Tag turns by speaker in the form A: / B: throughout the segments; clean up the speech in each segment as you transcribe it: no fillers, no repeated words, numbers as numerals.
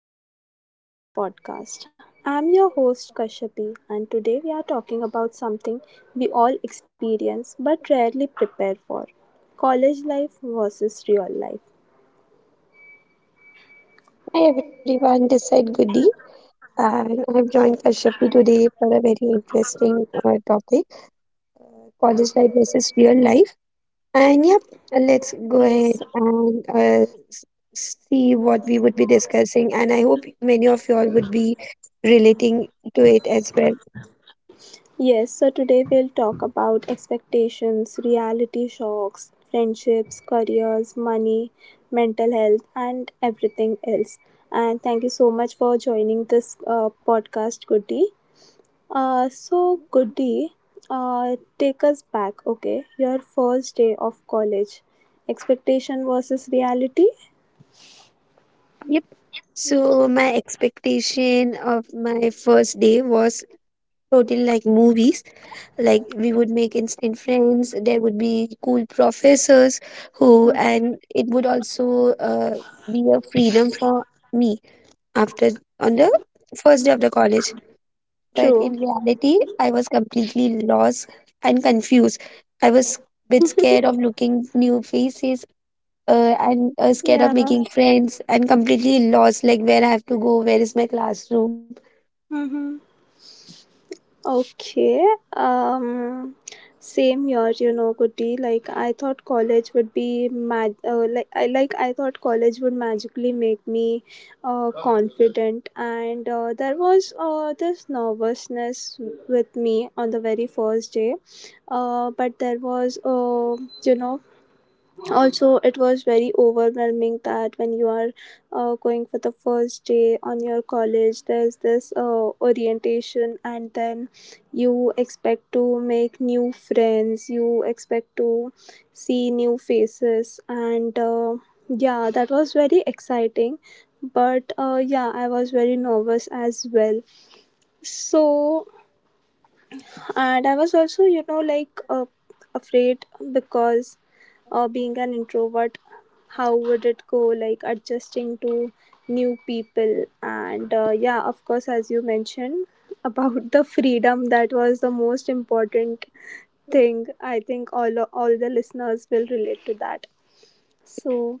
A: and welcome back to the podcast. I'm your host Kashyapi, and today we are talking about something we all experience but rarely prepare for: college life versus real life.
B: Hi everyone, this is Goody and I've joined Kashyapi today for a very interesting topic, college life versus real life. And yep, let's go ahead and see what we would be discussing. And I hope many of you all would be relating to it as well.
A: Yes, so today we'll talk about expectations, reality shocks, friendships, careers, money, mental health, and everything else. And thank you so much for joining this podcast, Goody. So Goody, take us back, okay? Your first day of college, expectation versus reality.
B: Yep. So my expectation of my first day was totally like movies. Like we would make instant friends. There would be cool professors who, and it would also be a freedom for me after on the first day of the college. But in
A: True.
B: reality, I was completely lost and confused. I was a bit scared of looking new faces and scared of
A: Yeah.
B: making friends and completely lost like where I have to go, where is my classroom.
A: Mm-hmm. Okay. Um, same here, you know, Kuti. Like I thought college would be mag. Like I thought college would magically make me confident, and there was this nervousness with me on the very first day, but there was, you know also, it was very overwhelming that when you are going for the first day on your college, there's this orientation, and then you expect to make new friends, you expect to see new faces, and yeah, that was very exciting, but yeah, I was very nervous as well. So, and I was also, afraid, because, being an introvert, how would it go, like adjusting to new people? And yeah, of course, as you mentioned about the freedom, that was the most important thing. I think all the listeners will relate to that. So,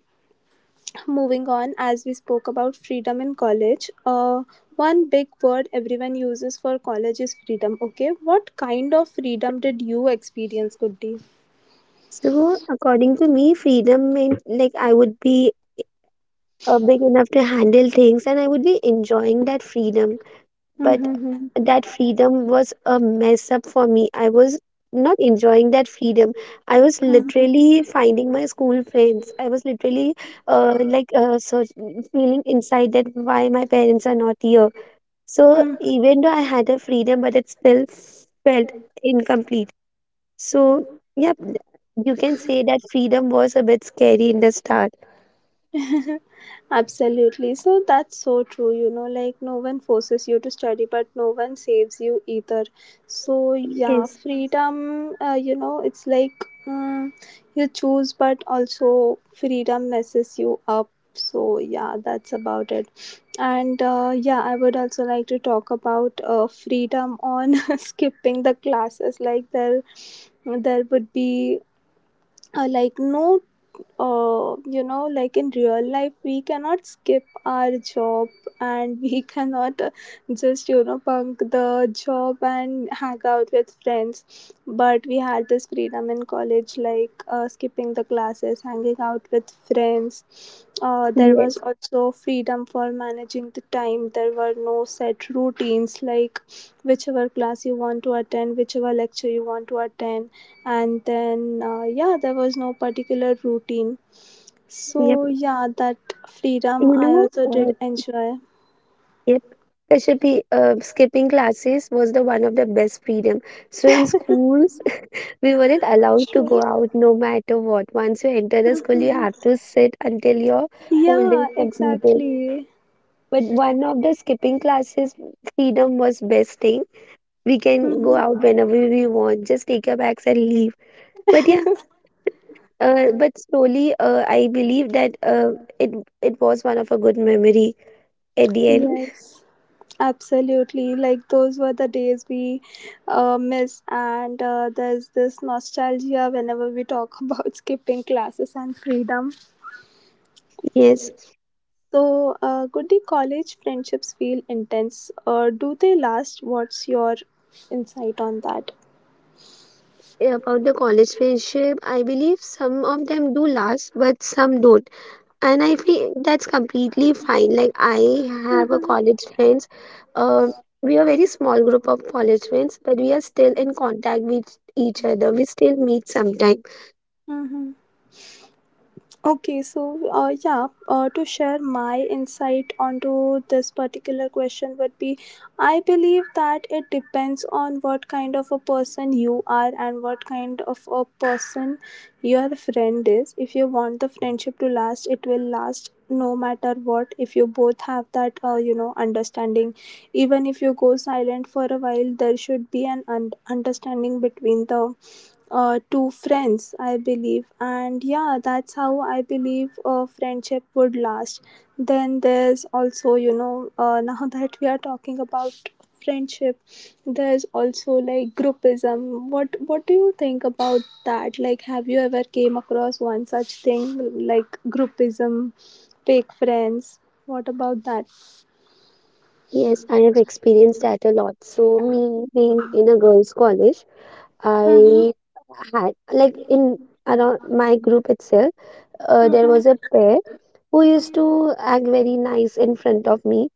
A: moving on, as we spoke about freedom in college, one big word everyone uses for college is freedom. Okay, what kind of freedom did you experience, good day
B: So, according to me, freedom meant like I would be big enough to handle things and I would be enjoying that freedom. But
A: mm-hmm.
B: that freedom was a mess up for me. I was not enjoying that freedom. I was literally finding my school friends. I was literally so feeling inside that why my parents are not here. So, even though I had a freedom, but it still felt incomplete. So, yep, you can say that freedom was a bit scary in the start.
A: Absolutely. So that's so true. You know, like no one forces you to study, but no one saves you either. So, yeah,
B: Yes.
A: freedom, it's like you choose, but also freedom messes you up. So, yeah, that's about it. And yeah, I would also like to talk about freedom on skipping the classes. Like, there would be like no, like in real life we cannot skip our job, and we cannot just, bunk the job and hang out with friends. But we had this freedom in college, like skipping the classes, hanging out with friends. There was
B: Yes,
A: also freedom for managing the time. There were no set routines, like whichever class you want to attend, whichever lecture you want to attend, and then yeah, there was no particular routine.
B: yep.
A: So yeah, that freedom
B: You
A: I
B: know,
A: also
B: uh,
A: did enjoy.
B: yep. Kashyap, skipping classes was the one of the best freedom. So in schools, we weren't allowed to go out no matter what. Once you enter the school, you have to sit until your whole day is
A: Yeah,
B: completed.
A: exactly.
B: But one of the skipping classes, freedom was best thing. We can go out whenever we want, just take your bags and leave. But yeah, but slowly, I believe that it it was one of a good memory at the end.
A: Yes, absolutely, like those were the days we miss, and there's this nostalgia whenever we talk about skipping classes and freedom.
B: Yes,
A: So could the college friendships feel intense, or do they last? What's your insight on that?
B: about the college friendship, I believe some of them do last, but some don't. And I feel that's completely fine. Like I have a college friends. Uh, we are very small group of college friends, but we are still in contact with each other. We still meet sometime.
A: Hmm. Okay, so yeah, to share my insight onto this particular question would be, I believe that it depends on what kind of a person you are and what kind of a person your friend is. If you want the friendship to last, it will last no matter what, if you both have that, understanding. Even if you go silent for a while, there should be an understanding between the to friends, I believe. And yeah, that's how I believe a friendship would last. Then there's also, you know, now that we are talking about friendship, there's also like groupism. What do you think about that? Like, have you ever came across one such thing, like groupism, fake friends? What about that?
B: Yes, I have experienced that a lot. So me being in a girls' college, I had like in around my group itself, there was a
A: Mhm.
B: pair who used to act very nice in front of me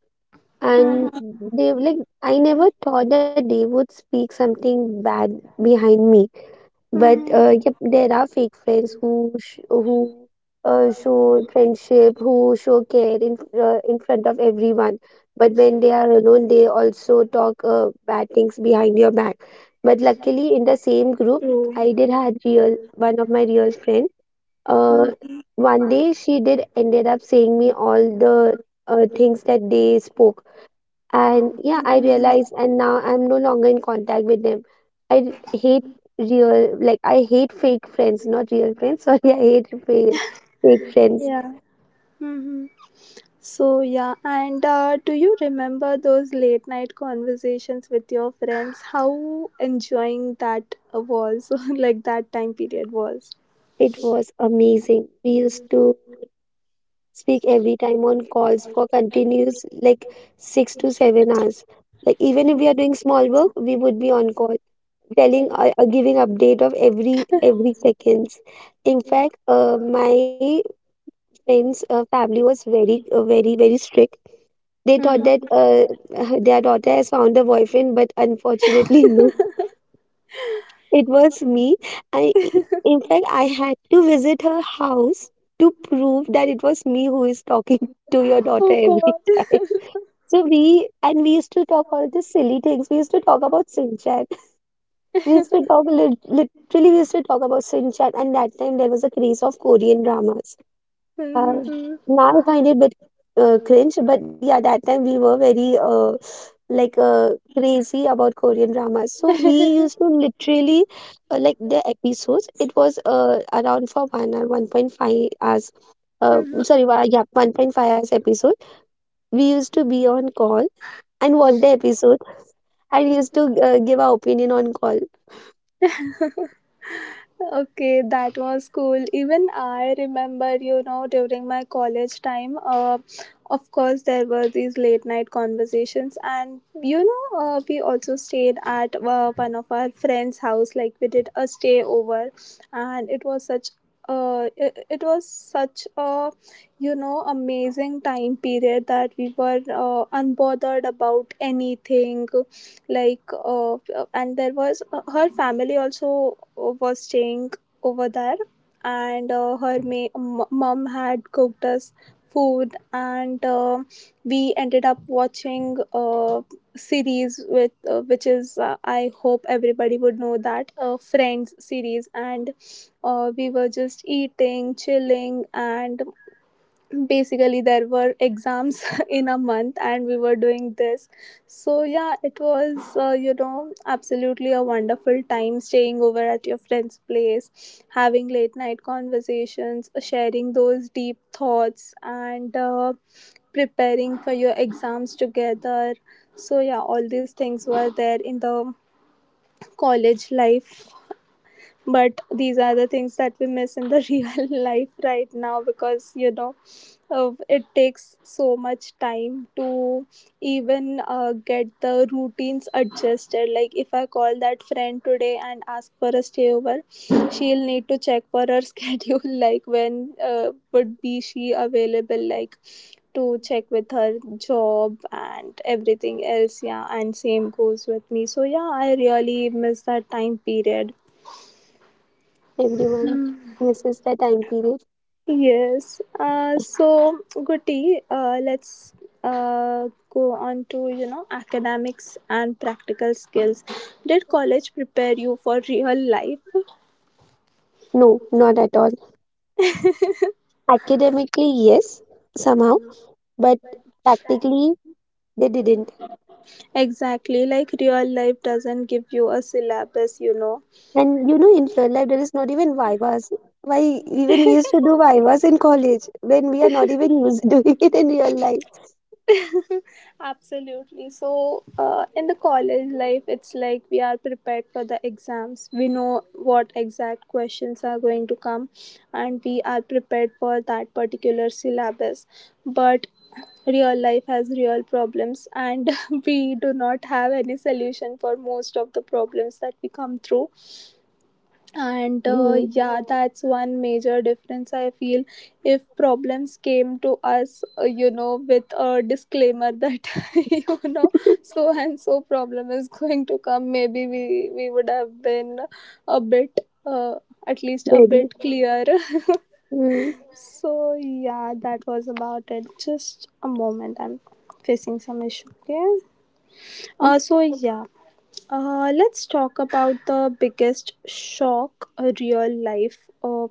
B: and
A: Mhm.
B: they like I never thought that they would speak something bad behind me, but
A: Mhm.
B: yep, there are fake friends who show friendship, who show care in front of everyone, but when they are alone they also talk bad things behind your back. But luckily in the same group
A: True.
B: I did had real one of my real friend. uh, one day she did ended up saying me all the things that they spoke. And yeah, I realized, and now I'm no longer in contact with them. I hate real, like, I hate fake friends, not real friends. Sorry, I hate fake, fake friends.
A: Yeah. Hmm. So yeah, and do you remember those late night conversations with your friends? How enjoying that was, like, that time period was.
B: It was amazing. We used to speak every time on calls for continuous, like, 6 to 7 hours. Like, even if we are doing small work, we would be on call, telling, giving update of every seconds. In fact, my friend's family was very, very, very strict. They thought that
A: Mhm.
B: their daughter has found a boyfriend, but unfortunately, no, it was me. I, in fact, I had to visit her house to prove that it was me who is talking to your daughter every
A: Oh
B: time. So we used to talk all the silly things. We used to talk about Sinchan. We used to talk literally. We used to talk about Sinchan, and that time there was a craze of Korean dramas. Uh,
A: God.
B: now I find it a bit cringe, but yeah, that time we were very like uh, crazy about Korean dramas. So we used to literally like the episodes. It was around for 1 or 1.5 hours. Yeah, 1.5 hours episode. We used to be on call and watch the episode. I used to give our opinion on call.
A: Okay, that was cool. Even I remember, you know, during my college time, of course, there were these late night conversations, and, you know, we also stayed at one of our friends' house. Like, we did a stay over, and it was such, it was such a, you know, amazing time period, that we were unbothered about anything. Like, and there was, her family also was staying over there, and her mom had cooked us food. And we ended up watching series with, which is, I hope everybody would know that, Friends series. And we were just eating, chilling, and basically there were exams in a month and we were doing this. So yeah, it was, you know, absolutely a wonderful time, staying over at your friend's place, having late night conversations, sharing those deep thoughts, and preparing for your exams together. So yeah, all these things were there in the college life, but these are the things that we miss in the real life right now, because, you know, it takes so much time to even get the routines adjusted. Like, if I call that friend today and ask for a stay over, she'll need to check for her schedule, like when would be she available, like, to check with her job and everything else. Yeah, and same goes with me. So yeah, I really miss that time period.
B: Everyone misses the time period.
A: Yes. So, Guti, let's go on to, you know, academics and practical skills. Did college prepare you for real life?
B: No, not at all. Academically, yes, somehow, but practically they didn't.
A: Exactly, like real life doesn't give you a syllabus, you know.
B: And you know, in real life, there is not even vivas. Why, even we used to do vivas in college when we are not even used doing it in real life.
A: Absolutely. So, in the college life, it's like we are prepared for the exams. We know what exact questions are going to come, and we are prepared for that particular syllabus. But real life has real problems, and we do not have any solution for most of the problems that we come through. And
B: Hmm.
A: yeah, that's one major difference I feel. If problems came to us, with a disclaimer, that you know, so and so problem is going to come, maybe we would have been a bit, uh, at least a
B: Very.
A: bit clear.
B: Hmm.
A: So yeah, that was about it. Just a moment, I'm facing some issue. Okay, so, yeah, let's talk about the biggest shock, real life. Uh,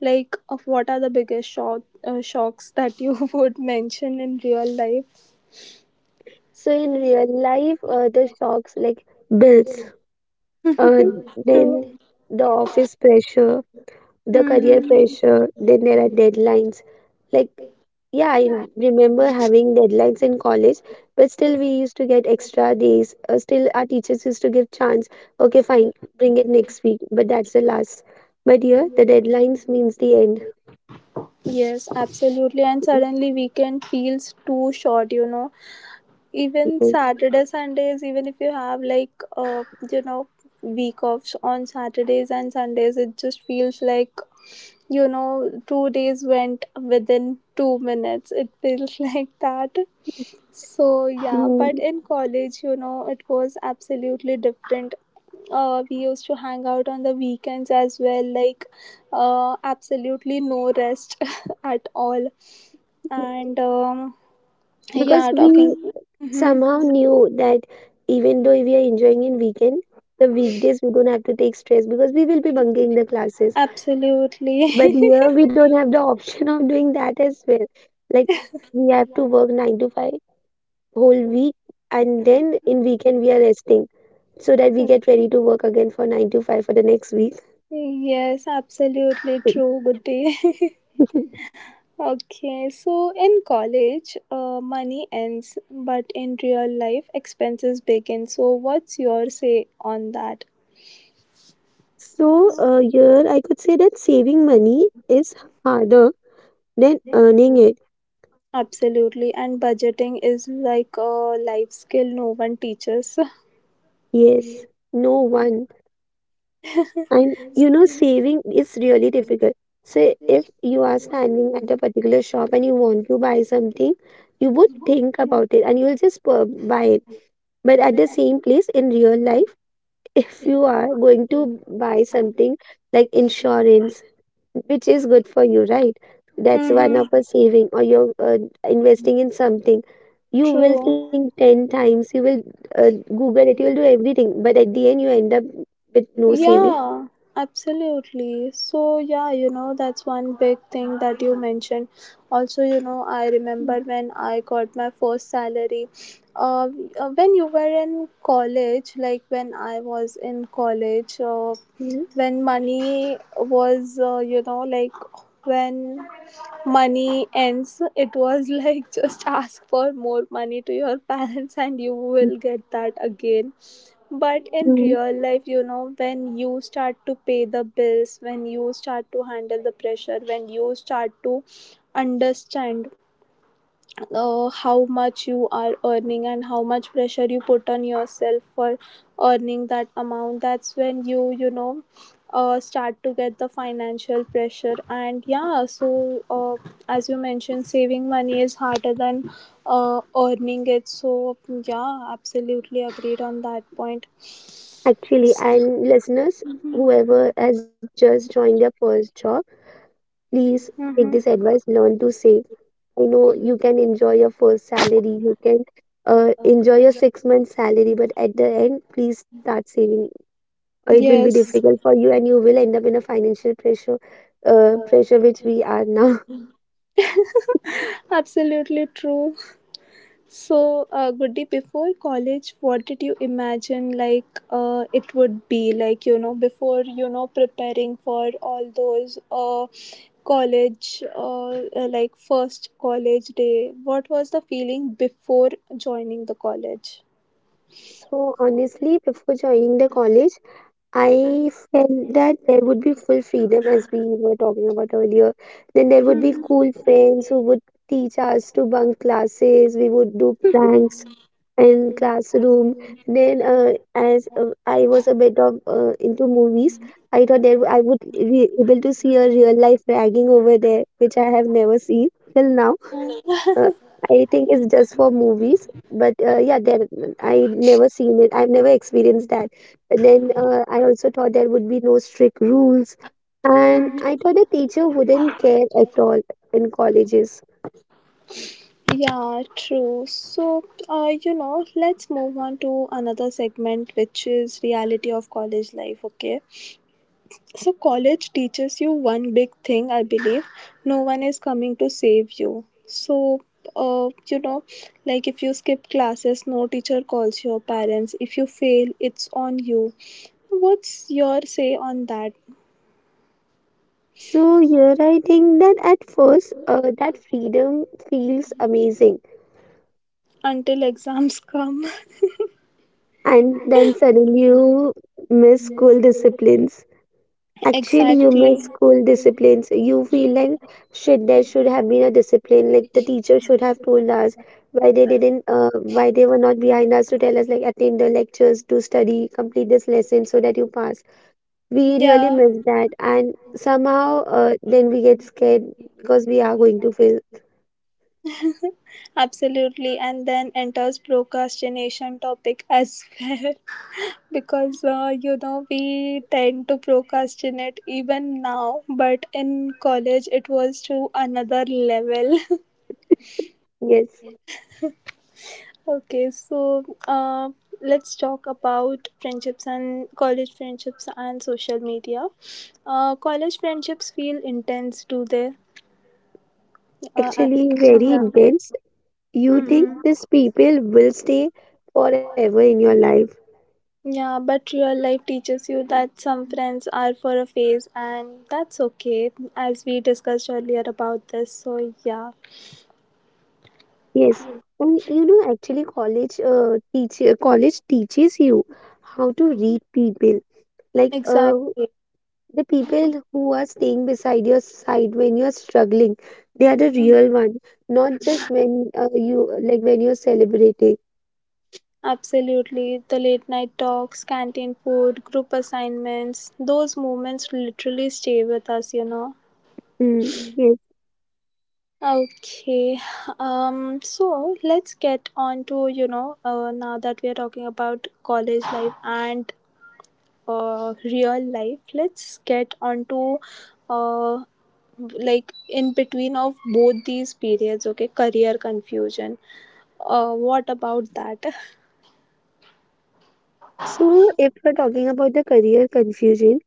A: like, uh, what are the biggest shock, shocks that you would mention in real life?
B: So in real life, the shocks like bills, uh, then
A: True.
B: the office pressure, the career
A: Mhm.
B: pressure, then there are deadlines. Like, yeah, I remember having deadlines in college, but still we used to get extra days. Still, our teachers used to give chance. Okay, fine, bring it next week, but that's the last. But here, the deadlines means the end.
A: Yes, absolutely. And suddenly, weekend feels too short, you know. Even Saturday, Sundays, even if you have, like, you know, week offs on Saturdays and Sundays, it just feels like, you know, 2 days went within 2 minutes. It feels like that. So, yeah, but
B: Mm.
A: in college, you know, it was absolutely different. We used to hang out on the weekends as well, like, absolutely no rest at all. And,
B: Because
A: yeah,
B: we
A: talking. Hmm.
B: somehow knew that even though we are enjoying in weekend, the weekdays we don't have to take stress because we will be bunking the classes.
A: Absolutely.
B: But here we don't have the option of doing that as well. Like we have to work nine to five whole week, and then in weekend we are resting so that we get ready to work again for nine to five for the next week.
A: Yes, absolutely true, Goody. Okay, so in college, money ends, but in real life, expenses begin. So, what's your say on that?
B: So here I could say that saving money is harder than earning it.
A: Absolutely, and budgeting is like a life skill no one teaches.
B: Yes, no one. And you know, saving is really difficult. Say, if you are standing at a particular shop and you want to buy something, you would think about it and buy it. But at the same place in real life, if you are going to buy something like insurance, which is good for you, right? That's one
A: Mm-hmm.
B: of a saving, or you're investing in something. You will
A: True.
B: think 10 times, you will Google it, you will do everything. But at the end, you end up with no saving.
A: Yeah, absolutely. So, yeah, you know, that's one big thing that you mentioned. Also, you know, I remember when I got my first salary. Uh, when you were in college, like when I was in college,
B: Mhm.
A: when money was, when money ends, it was like, just ask for more money to your parents and you will get that again. But in
B: Mm.
A: real life, you know, when you start to pay the bills, when you start to handle the pressure, when you start to understand how much you are earning and how much pressure you put on yourself for earning that amount, that's when you know, start to get the financial pressure. And yeah, so as you mentioned, saving money is harder than earning it. So, yeah, absolutely agreed on that point.
B: Actually, and listeners, whoever has just joined their first job, please take this
A: Mm-hmm.
B: advice, learn to save. I know you can enjoy your first salary, you can enjoy your 6 month salary, but at the end, please start saving. Or it will be
A: Yes,
B: difficult for you and you will end up in a financial pressure, pressure which we are now.
A: absolutely true. So, Goody, before college, what did you imagine like, it would be like? You know, before you know preparing for all those, college, like first college day. What was the feeling before joining the college?
B: So honestly, before joining the college, I felt that there would be full freedom as we were talking about earlier. Then there would be
A: Mhm.
B: cool friends who would teach us to bunk classes, we would do pranks in classroom. Then as I was a bit of into movies, I thought that I would be able to see a real life ragging over there, which I have never seen till now. uh, I think it's just for movies, but yeah, there I never seen it, I've never experienced that. And then I also thought there would be no strict rules, and I thought the teacher wouldn't care at all in colleges.
A: Yeah, true. So, let's move on to another segment, which is reality of college life. Okay. So, college teaches you one big thing, I believe. No one is coming to save you. So, uh, you know, like, if you skip classes, no teacher calls your parents. If you fail, it's on you. What's your say on that?
B: So here I think that at first that freedom feels amazing,
A: Until exams come.
B: and then suddenly you miss school disciplines. Actually you miss
A: Exactly.
B: school disciplines. You feel like shit, there should have been a discipline like the teacher should have told us why they didn't, why they were not behind us to tell us like attend the lectures, do study, complete this lesson so that you pass. We really
A: Yeah,
B: miss that, and somehow then we get scared because we are going to fail.
A: absolutely. And then enters procrastination topic as well. Because, you know, we tend to procrastinate even now, but in college it was to another level.
B: Yes.
A: Okay, so, let's talk about friendships and college friendships and social media. College friendships feel intense, do they, uh, I-
B: Actually very
A: yeah.
B: intense. You think
A: Hmm,
B: these people will stay forever in your life.
A: yeah, but real life teaches you that some friends are for a phase, and that's okay, as we discussed earlier about this. So, yeah,
B: Yes. And you know, actually, college teaches you how to read people. Like
A: exactly,
B: the people who are staying beside your side when you're struggling, they are the real one, not just when you like when you're celebrating.
A: absolutely. The late night talks, canteen food, group assignments, those moments literally stay with us.
B: Mm, yes.
A: Okay, so let's get on to now that we are talking about college life and real life, let's get on to uh, like in between of both these periods, okay, career confusion. What about that?
B: So, if we're talking about the career confusion,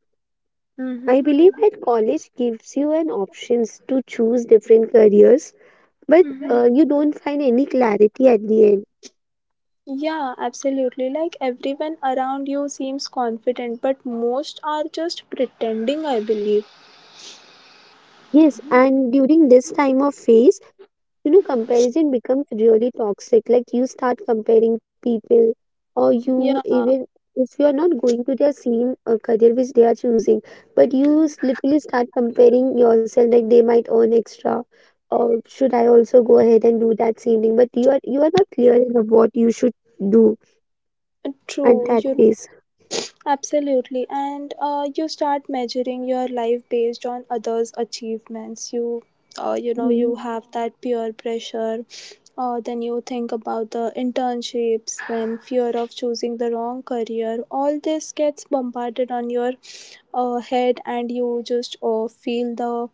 B: I believe that college gives you an options to choose different careers, but
A: Mm-hmm.
B: you don't find any clarity at the end.
A: Yeah, absolutely. Like everyone around you seems confident, but most are just pretending, I believe.
B: Yes, and during this time of phase, you know, comparison becomes really toxic. Like you start comparing people, or you
A: Yeah,
B: even if you are not going to their same career which they are choosing, but literally start comparing yourself like they might earn extra. Or should I also go ahead and do that same thing? But you are not clear enough what you should do at that
A: true. You
B: pace.
A: absolutely. And you start measuring your life based on others' achievements. You
B: Mm.
A: you have that peer pressure. Then you think about the internships, then fear of choosing the wrong career. All this gets bombarded on your head, and you just feel the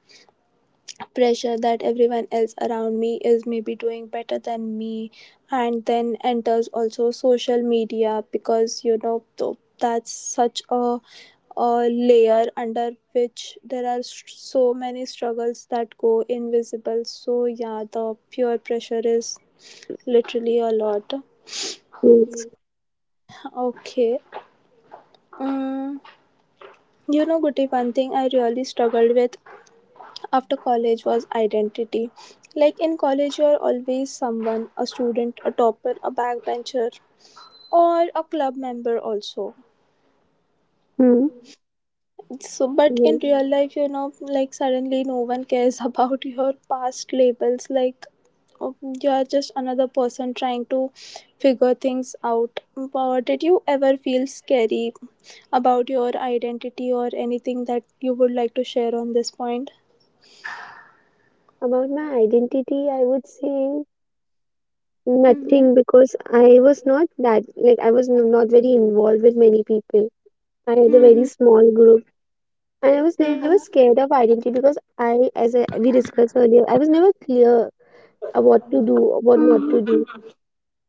A: pressure that everyone else around me is maybe doing better than me, and then enters also social media because that's such a layer under which there are so many struggles that go invisible. So yeah, the peer pressure is literally a lot.
B: Yes.
A: Okay, um, you know, Goody, one thing I really struggled with after college was identity. Like in college, you're always someone, a student, a topper, a backbencher, or a club member, also.
B: Mm.
A: So, but
B: Yes.
A: in real life, you know, like suddenly no one cares about your past labels. Like you are just another person trying to figure things out. But did you ever feel scary about your identity or anything that you would like to share on this point?
B: About my identity, I would say
A: Mm-hmm.
B: nothing because I was not that, like, not very involved with many people. I had a very small group and I was never scared of identity because we discussed earlier, I was never clear what to do or what not to do.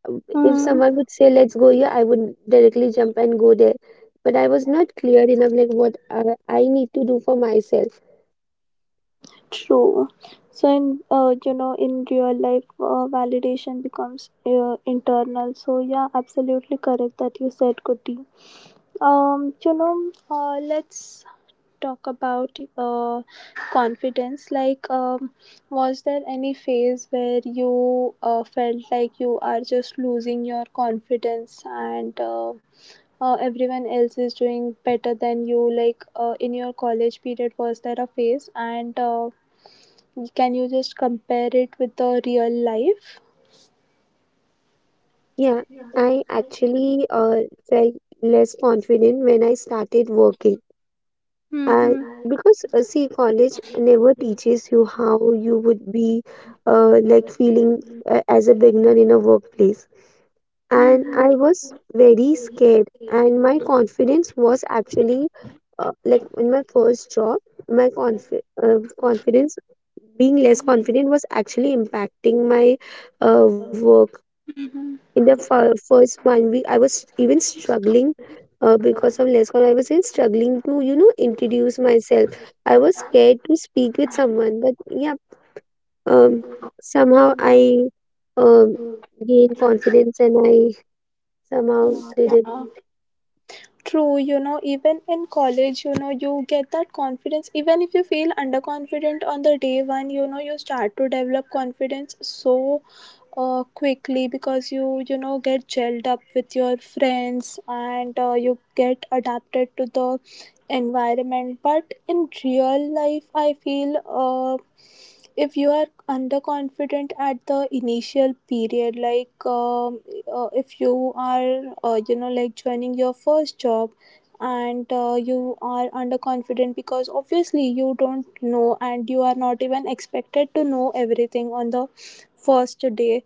B: If someone
A: Mm-hmm.
B: would say, let's go here, I would directly jump and go there. But I was not clear enough, like, I need to do for myself.
A: True. So in in real life, validation becomes internal. So yeah, absolutely correct that you said, Kuti. Let's talk about confidence. Like, was there any phase where you felt like you are just losing your confidence and everyone else is doing better than you? Like, in your college period, was there a phase, and can you just compare it with the real life?
B: Yeah, I actually felt less confident when I started working. Uh,
A: Mm-hmm.
B: because See, college never teaches you how you would be like feeling as a beginner in a workplace. And I was very scared, and my confidence was actually like in my first job, my confi confidence being less confident was actually impacting my work in the first one week. I was even struggling because of less call. I was in struggling to introduce myself. I was scared to speak with someone, but yeah, um, somehow I um, gained confidence and I somehow did
A: Yeah,
B: it.
A: true. You know, even in college, you know, you get that confidence. Even if you feel underconfident on the day one, you know, you start to develop confidence so quickly because you get gelled up with your friends and you get adapted to the environment. But in real life, I feel if you are underconfident at the initial period, like if you are like joining your first job and you are underconfident because obviously you don't know and you are not even expected to know everything on the first day.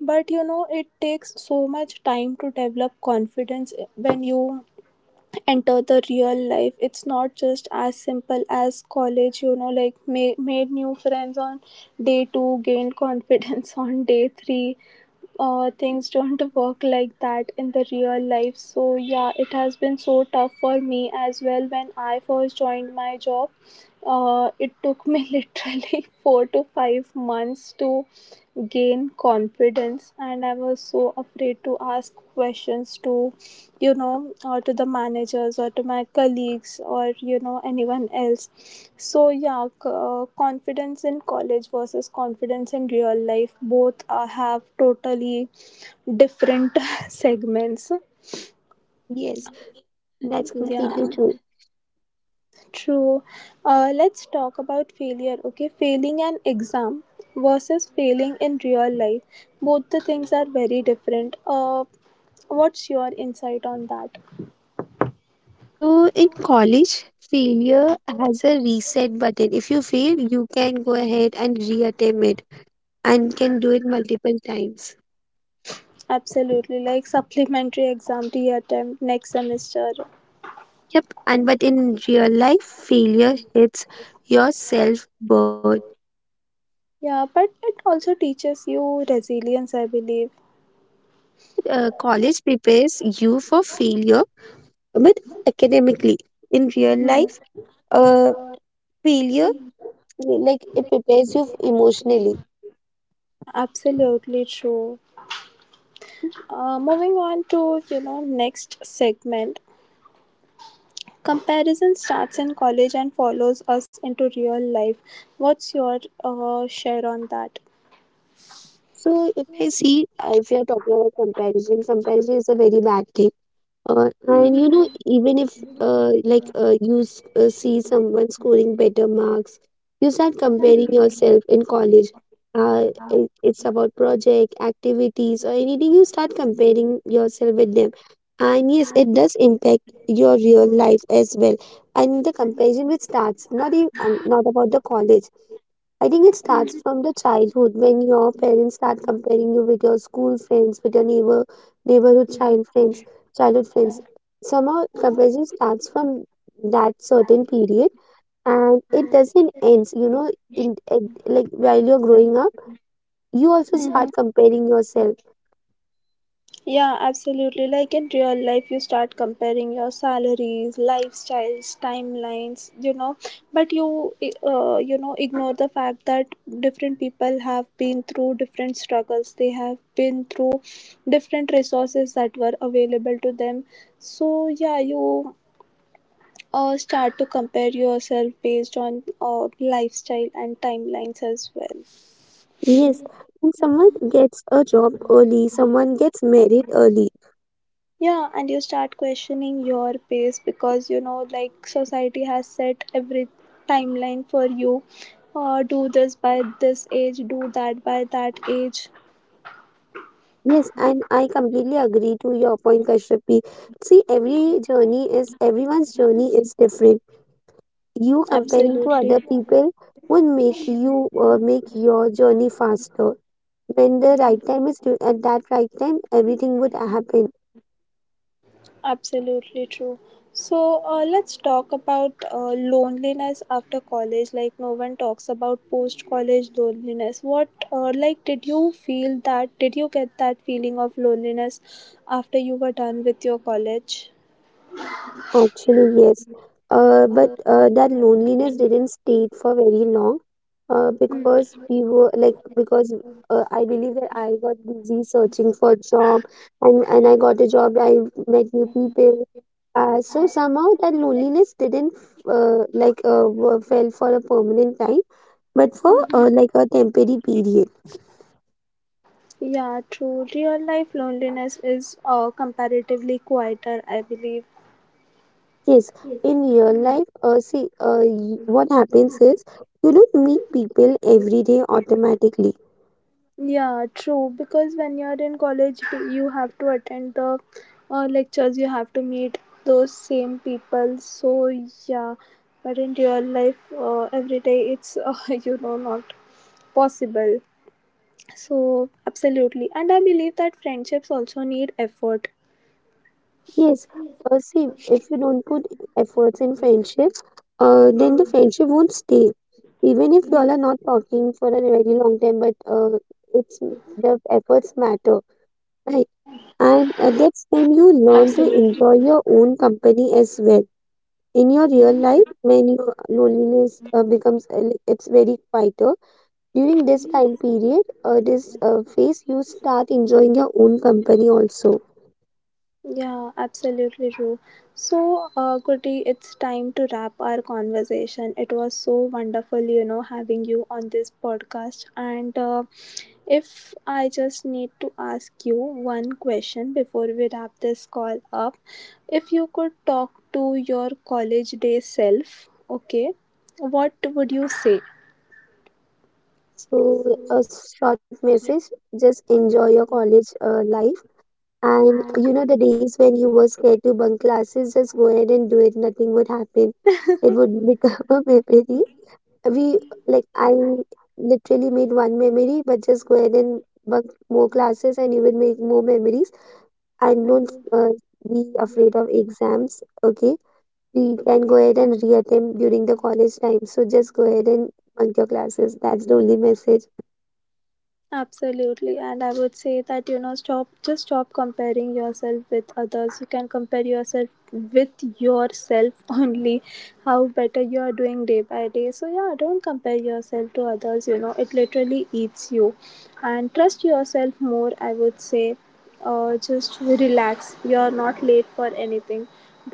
A: But you know, it takes so much time to develop confidence when you enter the real life. It's not just as simple as college, you know, like made new friends on day 2, gained confidence on day 3. Things don't work like that in the real life. So yeah, it has been so tough for me as well when I first joined my job. It took me literally 4 to 5 months to gain confidence, and I was so afraid to ask questions to you know, or to the managers or to my colleagues or you know anyone else. So yeah, confidence in college versus confidence in real life both have totally different segments.
B: Yes, that's
A: Yeah,
B: completely true.
A: true. Let's talk about failure. Okay, failing an exam versus failing in real life, both the things are very different. What's your insight on that?
B: So in college, failure has a reset button. If you fail, you can go ahead and reattempt it and can do it multiple times.
A: Absolutely, like supplementary exam to your attempt next semester.
B: Yep, and but in real life, failure hits your self worth.
A: Yeah, but it also teaches you resilience, I believe.
B: College prepares you for failure, but academically, in real life, uh, failure, like, it prepares you emotionally.
A: Absolutely true. Moving on to you know next segment. Comparison starts in college and follows us into real life. What's your share on that?
B: So if I see, if we are talking about comparison, comparison is a very bad thing. And you know, even if see someone scoring better marks, you start comparing yourself in college. It's about project activities or anything. You start comparing yourself with them, and yes, it does impact your real life as well. And the comparison which starts not even not about the college. I think it starts from the childhood when your parents start comparing you with your school friends, with your neighbor, neighborhood child friends, childhood friends. Somehow comparison starts from that certain period and it doesn't end. You know, in like while you're growing up, you also start
A: Mhm.
B: comparing yourself.
A: Yeah, absolutely. Like in real life, you start comparing your salaries, lifestyles, timelines, you know, but you ignore the fact that different people have been through different struggles, they have been through different resources that were available to them. So, yeah, you start to compare yourself based on lifestyle and timelines as well.
B: Yes, and someone gets a job early, someone gets married early.
A: Yeah, and you start questioning your pace because you know, like, society has set every timeline for you. Do this by this age, do that by that age.
B: Yes, and I completely agree to your point, Kashyapi. See, everyone's journey is different. You comparing to
A: Absolutely,
B: other people would make you make your journey faster. When the right time is due, at that right time, everything would happen.
A: absolutely true. So, let's talk about loneliness after college. Like, no one talks about post college loneliness. What, like, did you feel that? Did you get that feeling of loneliness after you were done with your college?
B: Actually, yes. But That loneliness didn't stay for very long because we were like, because I believe that I got busy searching for a job, and I got a job, I met new people. So somehow that loneliness didn't fell for a permanent time, but for like a temporary period.
A: Yeah, true. Real life loneliness is comparatively quieter, I believe.
B: Yes, in real life, what happens is you don't meet people every day automatically.
A: Yeah, true. Because when you're in college, you have to attend the lectures, you have to meet those same people. So, yeah. But in real life, every day it's, you know, not possible. So, absolutely. And I believe that friendships also need effort.
B: Yes, see, if you don't put efforts in friendship, then the friendship won't stay. Even if y'all
A: Mm,
B: are not talking for a very long time, but it's the efforts matter, right? And that's when you learn to
A: absolutely.
B: enjoy your own company as well. In your real life, when your loneliness becomes like, it's very quieter during this time period, this phase, you start enjoying your own company also.
A: Yeah, absolutely true. So, Kuti, it's time to wrap our conversation. It was so wonderful, you know, having you on this podcast. And if I just need to ask you one question before we wrap this call up, if you could talk to your college day self, okay, what would you say?
B: So, a short message, just enjoy your college life. And you know, the days when you were scared to bunk classes, just go ahead and do it. Nothing would happen. It would become a memory. We I literally made one memory, but just go ahead and bunk more classes and you will make more memories. And don't be afraid of exams. Okay, we can go ahead and reattempt during the college time. So, just go ahead and bunk your classes. That's the only message.
A: Absolutely, and I would say that you know, stop, just stop comparing yourself with others. You can compare yourself with yourself only, how better you are doing day by day. So, yeah, don't compare yourself to others, you know, it literally eats you. And trust yourself more, I would say. Just relax, you're not late for anything.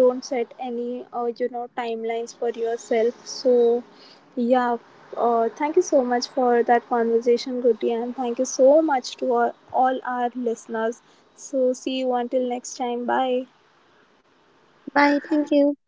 A: Don't set any, you know, timelines for yourself. So, yeah, thank you so much for that conversation, Goody, and thank you so much to all our listeners. So, see you until next time. Bye.
B: Bye. Thank you.